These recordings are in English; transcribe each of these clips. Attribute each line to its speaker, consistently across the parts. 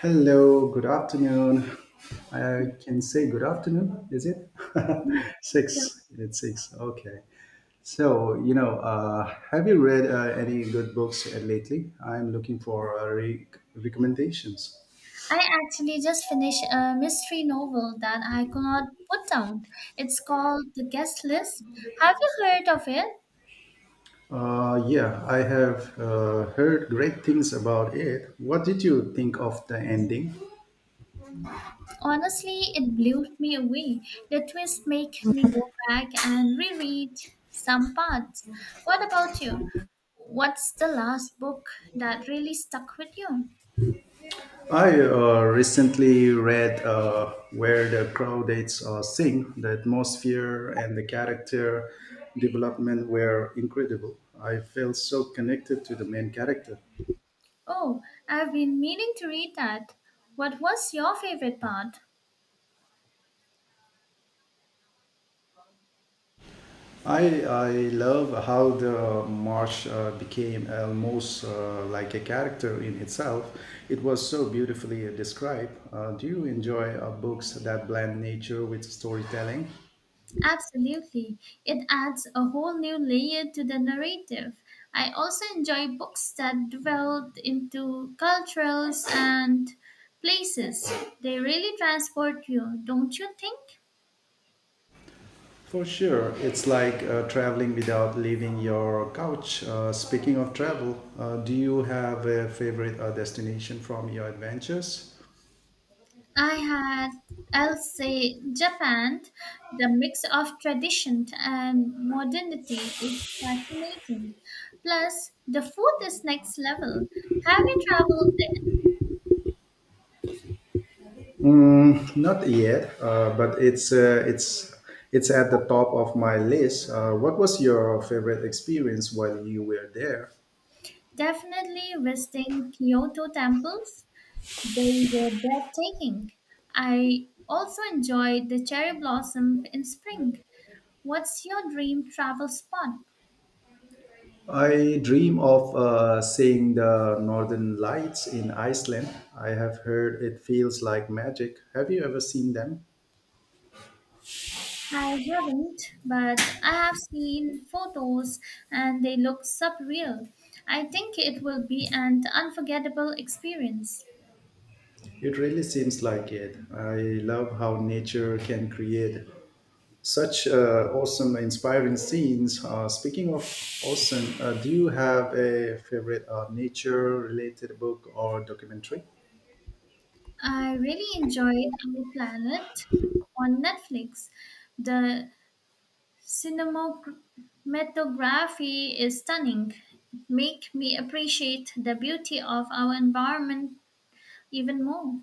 Speaker 1: Hello, good afternoon. I can say good afternoon, is it?
Speaker 2: So,
Speaker 1: six, it's six. Okay. So, have you read any good books lately? I'm looking for recommendations.
Speaker 2: I actually just finished a mystery novel that I could not put down. It's called The Guest List. Have you heard of it?
Speaker 1: Yeah, I have heard great things about it. What did you think of the ending?
Speaker 2: Honestly, it blew me away. The twist make me go back and reread some parts. What about you? What's the last book that really stuck with you?
Speaker 1: I recently read Where the Crawdads Sing. The atmosphere and the character development were incredible. I felt so connected to the main character.
Speaker 2: Oh, I've been meaning to read that. What was your favorite part?
Speaker 1: I love how the marsh became almost like a character in itself. It was so beautifully described. Do you enjoy books that blend nature with storytelling?
Speaker 2: Absolutely. It adds a whole new layer to the narrative. I also enjoy books that dwell into cultures and places. They really transport you, don't you think?
Speaker 1: For sure, it's like traveling without leaving your couch. Speaking of travel, do you have a favorite destination from your adventures?
Speaker 2: I had, I'll say, Japan. The mix of tradition and modernity is fascinating. Plus, the food is next level. Have you traveled
Speaker 1: Mm, not yet, but it's at the top of my list. What was your favorite experience while you were there?
Speaker 2: there? Definitely visiting Kyoto temples. They were breathtaking. I also enjoyed the cherry blossom in spring. What's your dream travel spot?
Speaker 1: I dream of seeing the northern lights in Iceland. I have heard it feels like magic. Have you ever seen them?
Speaker 2: I haven't, but I have seen photos and they look surreal. I think it will be an unforgettable experience.
Speaker 1: It really seems like it. I love how nature can create such awesome, inspiring scenes. Speaking of awesome, do you have a favorite nature related book or documentary?
Speaker 2: I really enjoyed Our Planet on Netflix. The Cinematography is stunning. It makes me appreciate the beauty of our environment even more.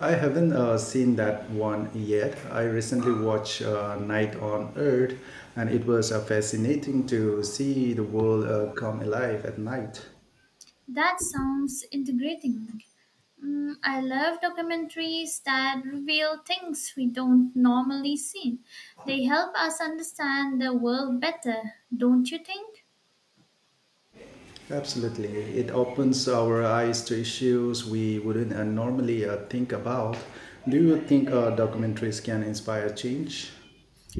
Speaker 1: I haven't seen that one yet. I recently watched Night on Earth, and it was fascinating to see the world come alive at night.
Speaker 2: That sounds integrating. Mm, I love documentaries that reveal things we don't normally see. They help us understand the world better, don't you think?
Speaker 1: Absolutely. It opens our eyes to issues we wouldn't normally think about. Do you think documentaries can inspire change?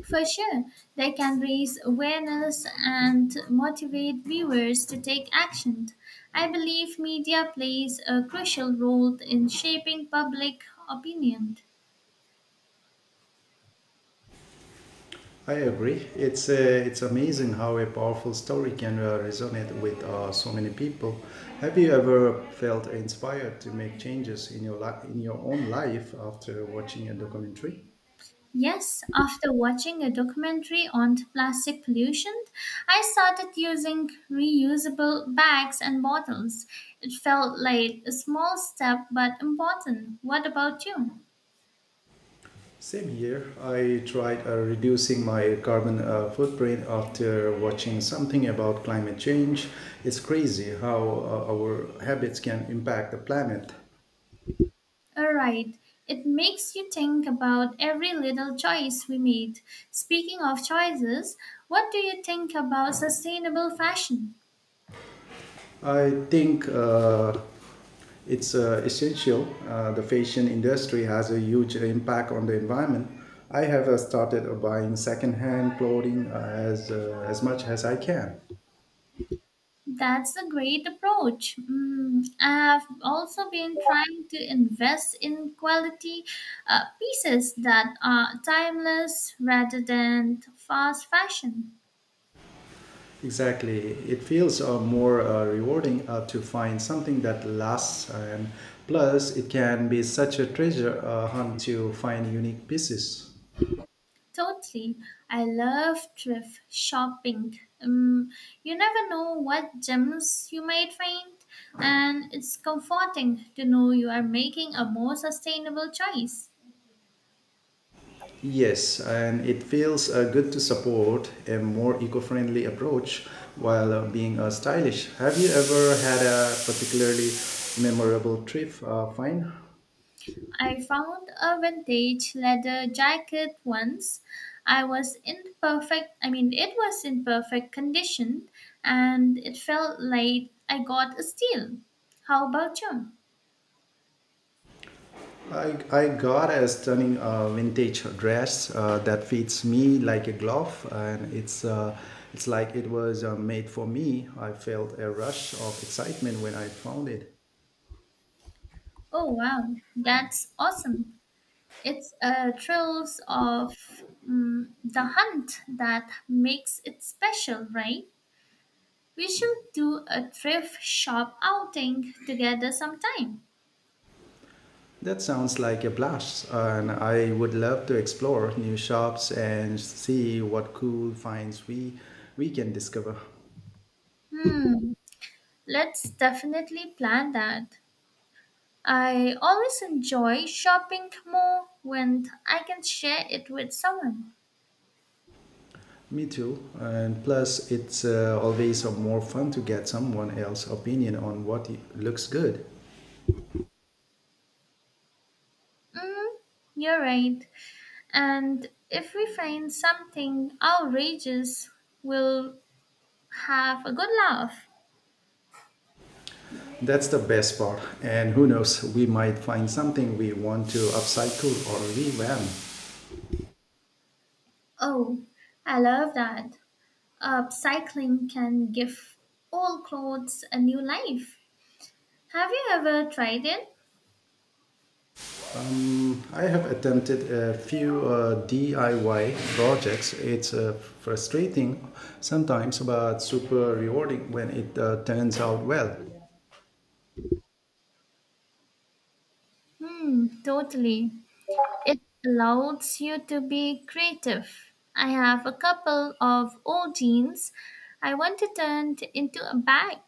Speaker 2: For sure, they can raise awareness and motivate viewers to take action. I believe media plays a crucial role in shaping public opinion.
Speaker 1: I agree. It's amazing how a powerful story can resonate with so many people. Have you ever felt inspired to make changes in in your own life after watching a documentary?
Speaker 2: Yes, after watching a documentary on plastic pollution, I started using reusable bags and bottles. It felt like a small step but important. What about you?
Speaker 1: Same here. I tried reducing my carbon footprint after watching something about climate change. It's crazy how our habits can impact the planet.
Speaker 2: Alright, it makes you think about every little choice we made. Speaking of choices, what do you think about sustainable fashion?
Speaker 1: I think it's essential. The fashion industry has a huge impact on the environment. I have started buying secondhand clothing as much as I can.
Speaker 2: That's a great approach. Mm, I've also been trying to invest in quality pieces that are timeless rather than fast fashion.
Speaker 1: Exactly. It feels more rewarding to find something that lasts, and plus, it can be such a treasure hunt to find unique pieces.
Speaker 2: Totally. I love thrift shopping. You never know what gems you might find, and it's comforting to know you are making a more sustainable choice.
Speaker 1: Yes, and it feels good to support a more eco friendly approach while being stylish. Have you ever had a particularly memorable trip find?
Speaker 2: I found a vintage leather jacket once. I mean, it was in perfect condition, and it felt like I got a steal. How about you?
Speaker 1: I got a stunning vintage dress that fits me like a glove, and it's like it was made for me. I felt a rush of excitement when I found it.
Speaker 2: Oh, wow, that's awesome. It's thrills of the hunt that makes it special, right? We should do a thrift shop outing together sometime.
Speaker 1: That sounds like a blast, and I would love to explore new shops and see what cool finds we can discover.
Speaker 2: Hmm, let's definitely plan that. I always enjoy shopping more when I can share it with someone.
Speaker 1: Me too, and plus it's always more fun to get someone else's opinion on what looks good.
Speaker 2: Mm, you're right. And if we find something outrageous, we'll have a good laugh.
Speaker 1: That's the best part. And who knows, we might find something we want to upcycle or revamp.
Speaker 2: Oh, I love that. Upcycling can give old clothes a new life. Have you ever tried it?
Speaker 1: Mm, I have attempted a few DIY projects. It's frustrating sometimes, but super rewarding when it turns out well.
Speaker 2: Hmm, totally. It allows you to be creative. I have a couple of old jeans I want to turn into a bag.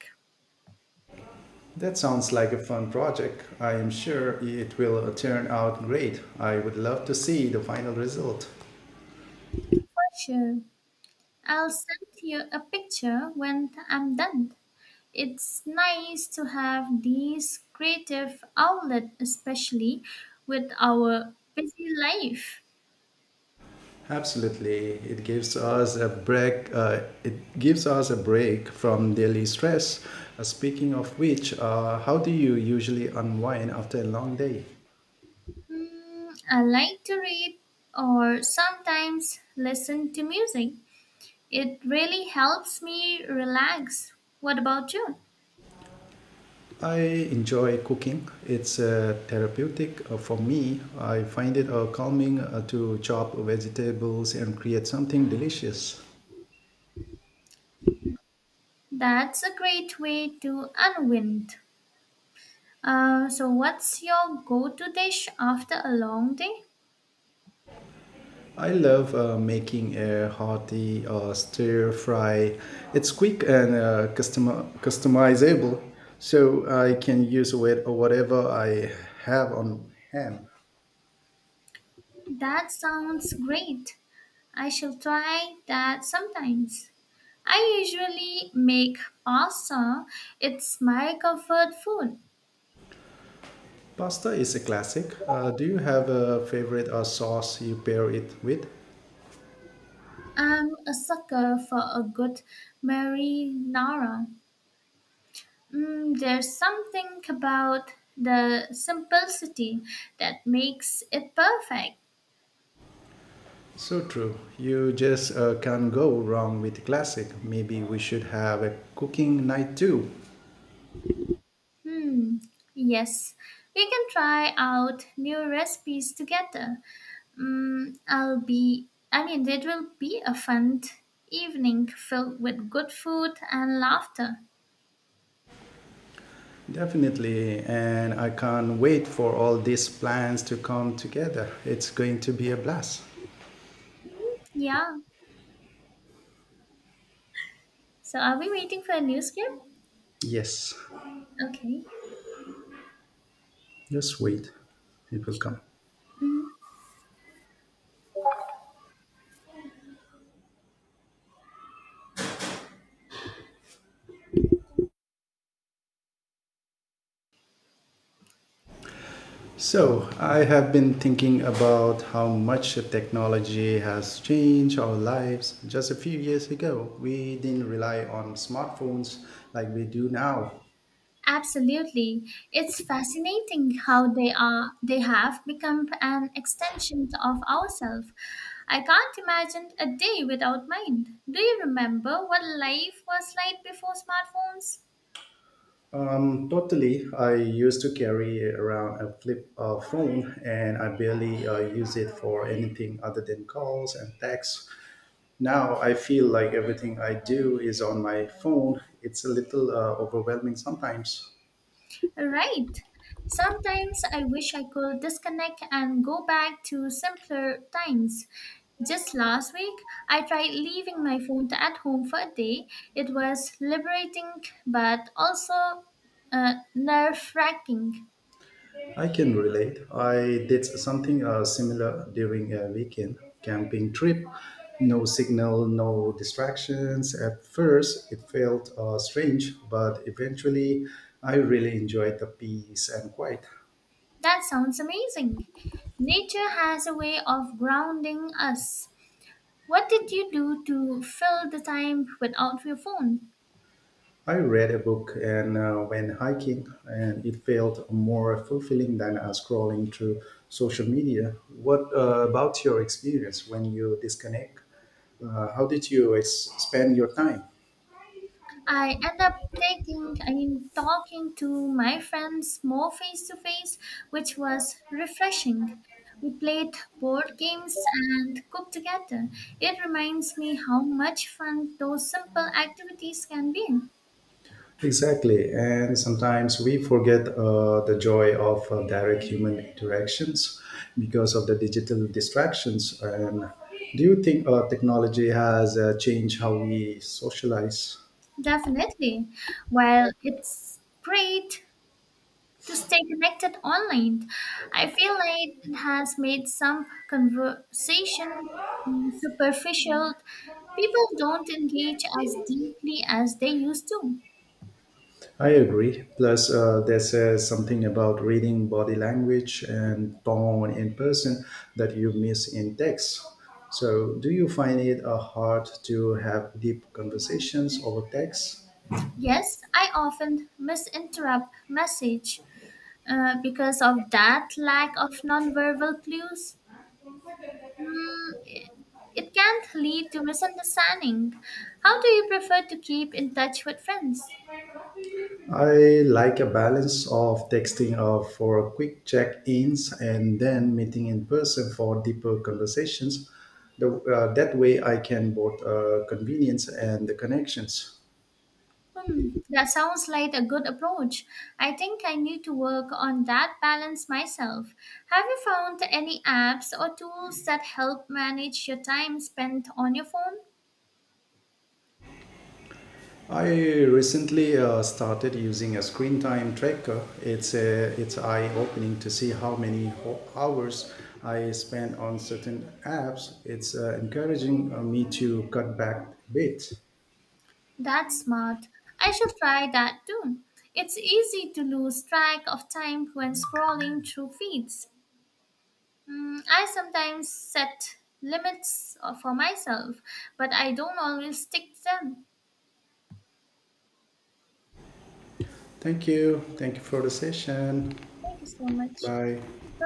Speaker 1: That sounds like a fun project. I am sure it will turn out great. I would love to see the final result.
Speaker 2: For sure. I'll send you a picture when I'm done. It's nice to have these creative outlet, especially with our busy life.
Speaker 1: Absolutely, it gives us a break. It gives us a break from daily stress. Speaking of which, how do you usually unwind after a long day?
Speaker 2: Hmm, I like to read or sometimes listen to music. It really helps me relax. What about you?
Speaker 1: I enjoy cooking. It's therapeutic for me. I find it calming to chop vegetables and create something delicious.
Speaker 2: That's a great way to unwind. So, what's your go to dish after a long day?
Speaker 1: I love making a hearty stir fry. It's quick and customizable, so I can use whatever I have on hand.
Speaker 2: That sounds great. I shall try that sometimes. I usually make pasta. It's my comfort food.
Speaker 1: Pasta is a classic. Do you have a favorite sauce you pair it with?
Speaker 2: I'm a sucker for a good marinara. Mm, there's something about the simplicity that makes it perfect.
Speaker 1: So true. You just can't go wrong with classic. Maybe we should have a cooking night too.
Speaker 2: Hmm. Yes, we can try out new recipes together. Mm, I'll be. I mean, it will be a fun evening filled with good food and laughter.
Speaker 1: Definitely, and I can't wait for all these plans to come together. It's going to be a blast.
Speaker 2: Yeah. So, are we waiting for a new script?
Speaker 1: Yes,
Speaker 2: Okay.
Speaker 1: just wait, it will come.
Speaker 2: Hmm.
Speaker 1: So, I have been thinking about how much technology has changed our lives. Just a few years ago, we didn't rely on smartphones like we do now.
Speaker 2: Absolutely. It's fascinating how they have become an extension of ourselves. I can't imagine a day without mine. Do you remember what life was like before smartphones?
Speaker 1: Totally, I used to carry around a flip phone and I barely use it for anything other than calls and texts. Now I feel like everything I do is on my phone. It's a little overwhelming sometimes.
Speaker 2: Right. Sometimes I wish I could disconnect and go back to simpler times. Just last week, I tried leaving my phone at home for a day. It was liberating but also nerve wracking.
Speaker 1: I can relate. I did something similar during a weekend camping trip. No signal, no distractions. At first, it felt strange, but eventually, I really enjoyed the peace and quiet.
Speaker 2: That sounds amazing. Nature has a way of grounding us. What did you do to fill the time without your phone?
Speaker 1: I read a book and when hiking and it felt more fulfilling than scrolling through social media. What about your experience when you disconnect? How did you spend your time?
Speaker 2: I end up I mean, talking to my friends more face to face, which was refreshing. We played board games and cooked together. It reminds me how much fun those simple activities can be.
Speaker 1: Exactly, and sometimes we forget the joy of direct human interactions because of the digital distractions. And do you think technology has changed how we socialize?
Speaker 2: Definitely. While it's great to stay connected online. I feel like it has made some conversation superficial. People don't engage as deeply as they used to.
Speaker 1: I agree. Plus, there says something about reading body language and tone in person that you miss in text. So, do you find it hard to have deep conversations over text?
Speaker 2: Yes, I often misinterpret message because of that lack of nonverbal clues. Mm, it can lead to misunderstanding. How do you prefer to keep in touch with friends?
Speaker 1: I like a balance of texting for quick check ins and then meeting in person for deeper conversations. That way, I can both convenience and the connections.
Speaker 2: Hmm, that sounds like a good approach. I think I need to work on that balance myself. Have you found any apps or tools that help manage your time spent on your phone?
Speaker 1: I recently started using a screen time tracker. It's eye-opening to see how many hours I spend on certain apps. It's encouraging me to cut back a bit.
Speaker 2: That's smart. I shall try that too. It's easy to lose track of time when scrolling through feeds. Hmm, I sometimes set limits for myself, but I don't always stick to them.
Speaker 1: Thank you. Thank you for the session.
Speaker 2: Thank you so much.
Speaker 1: Bye.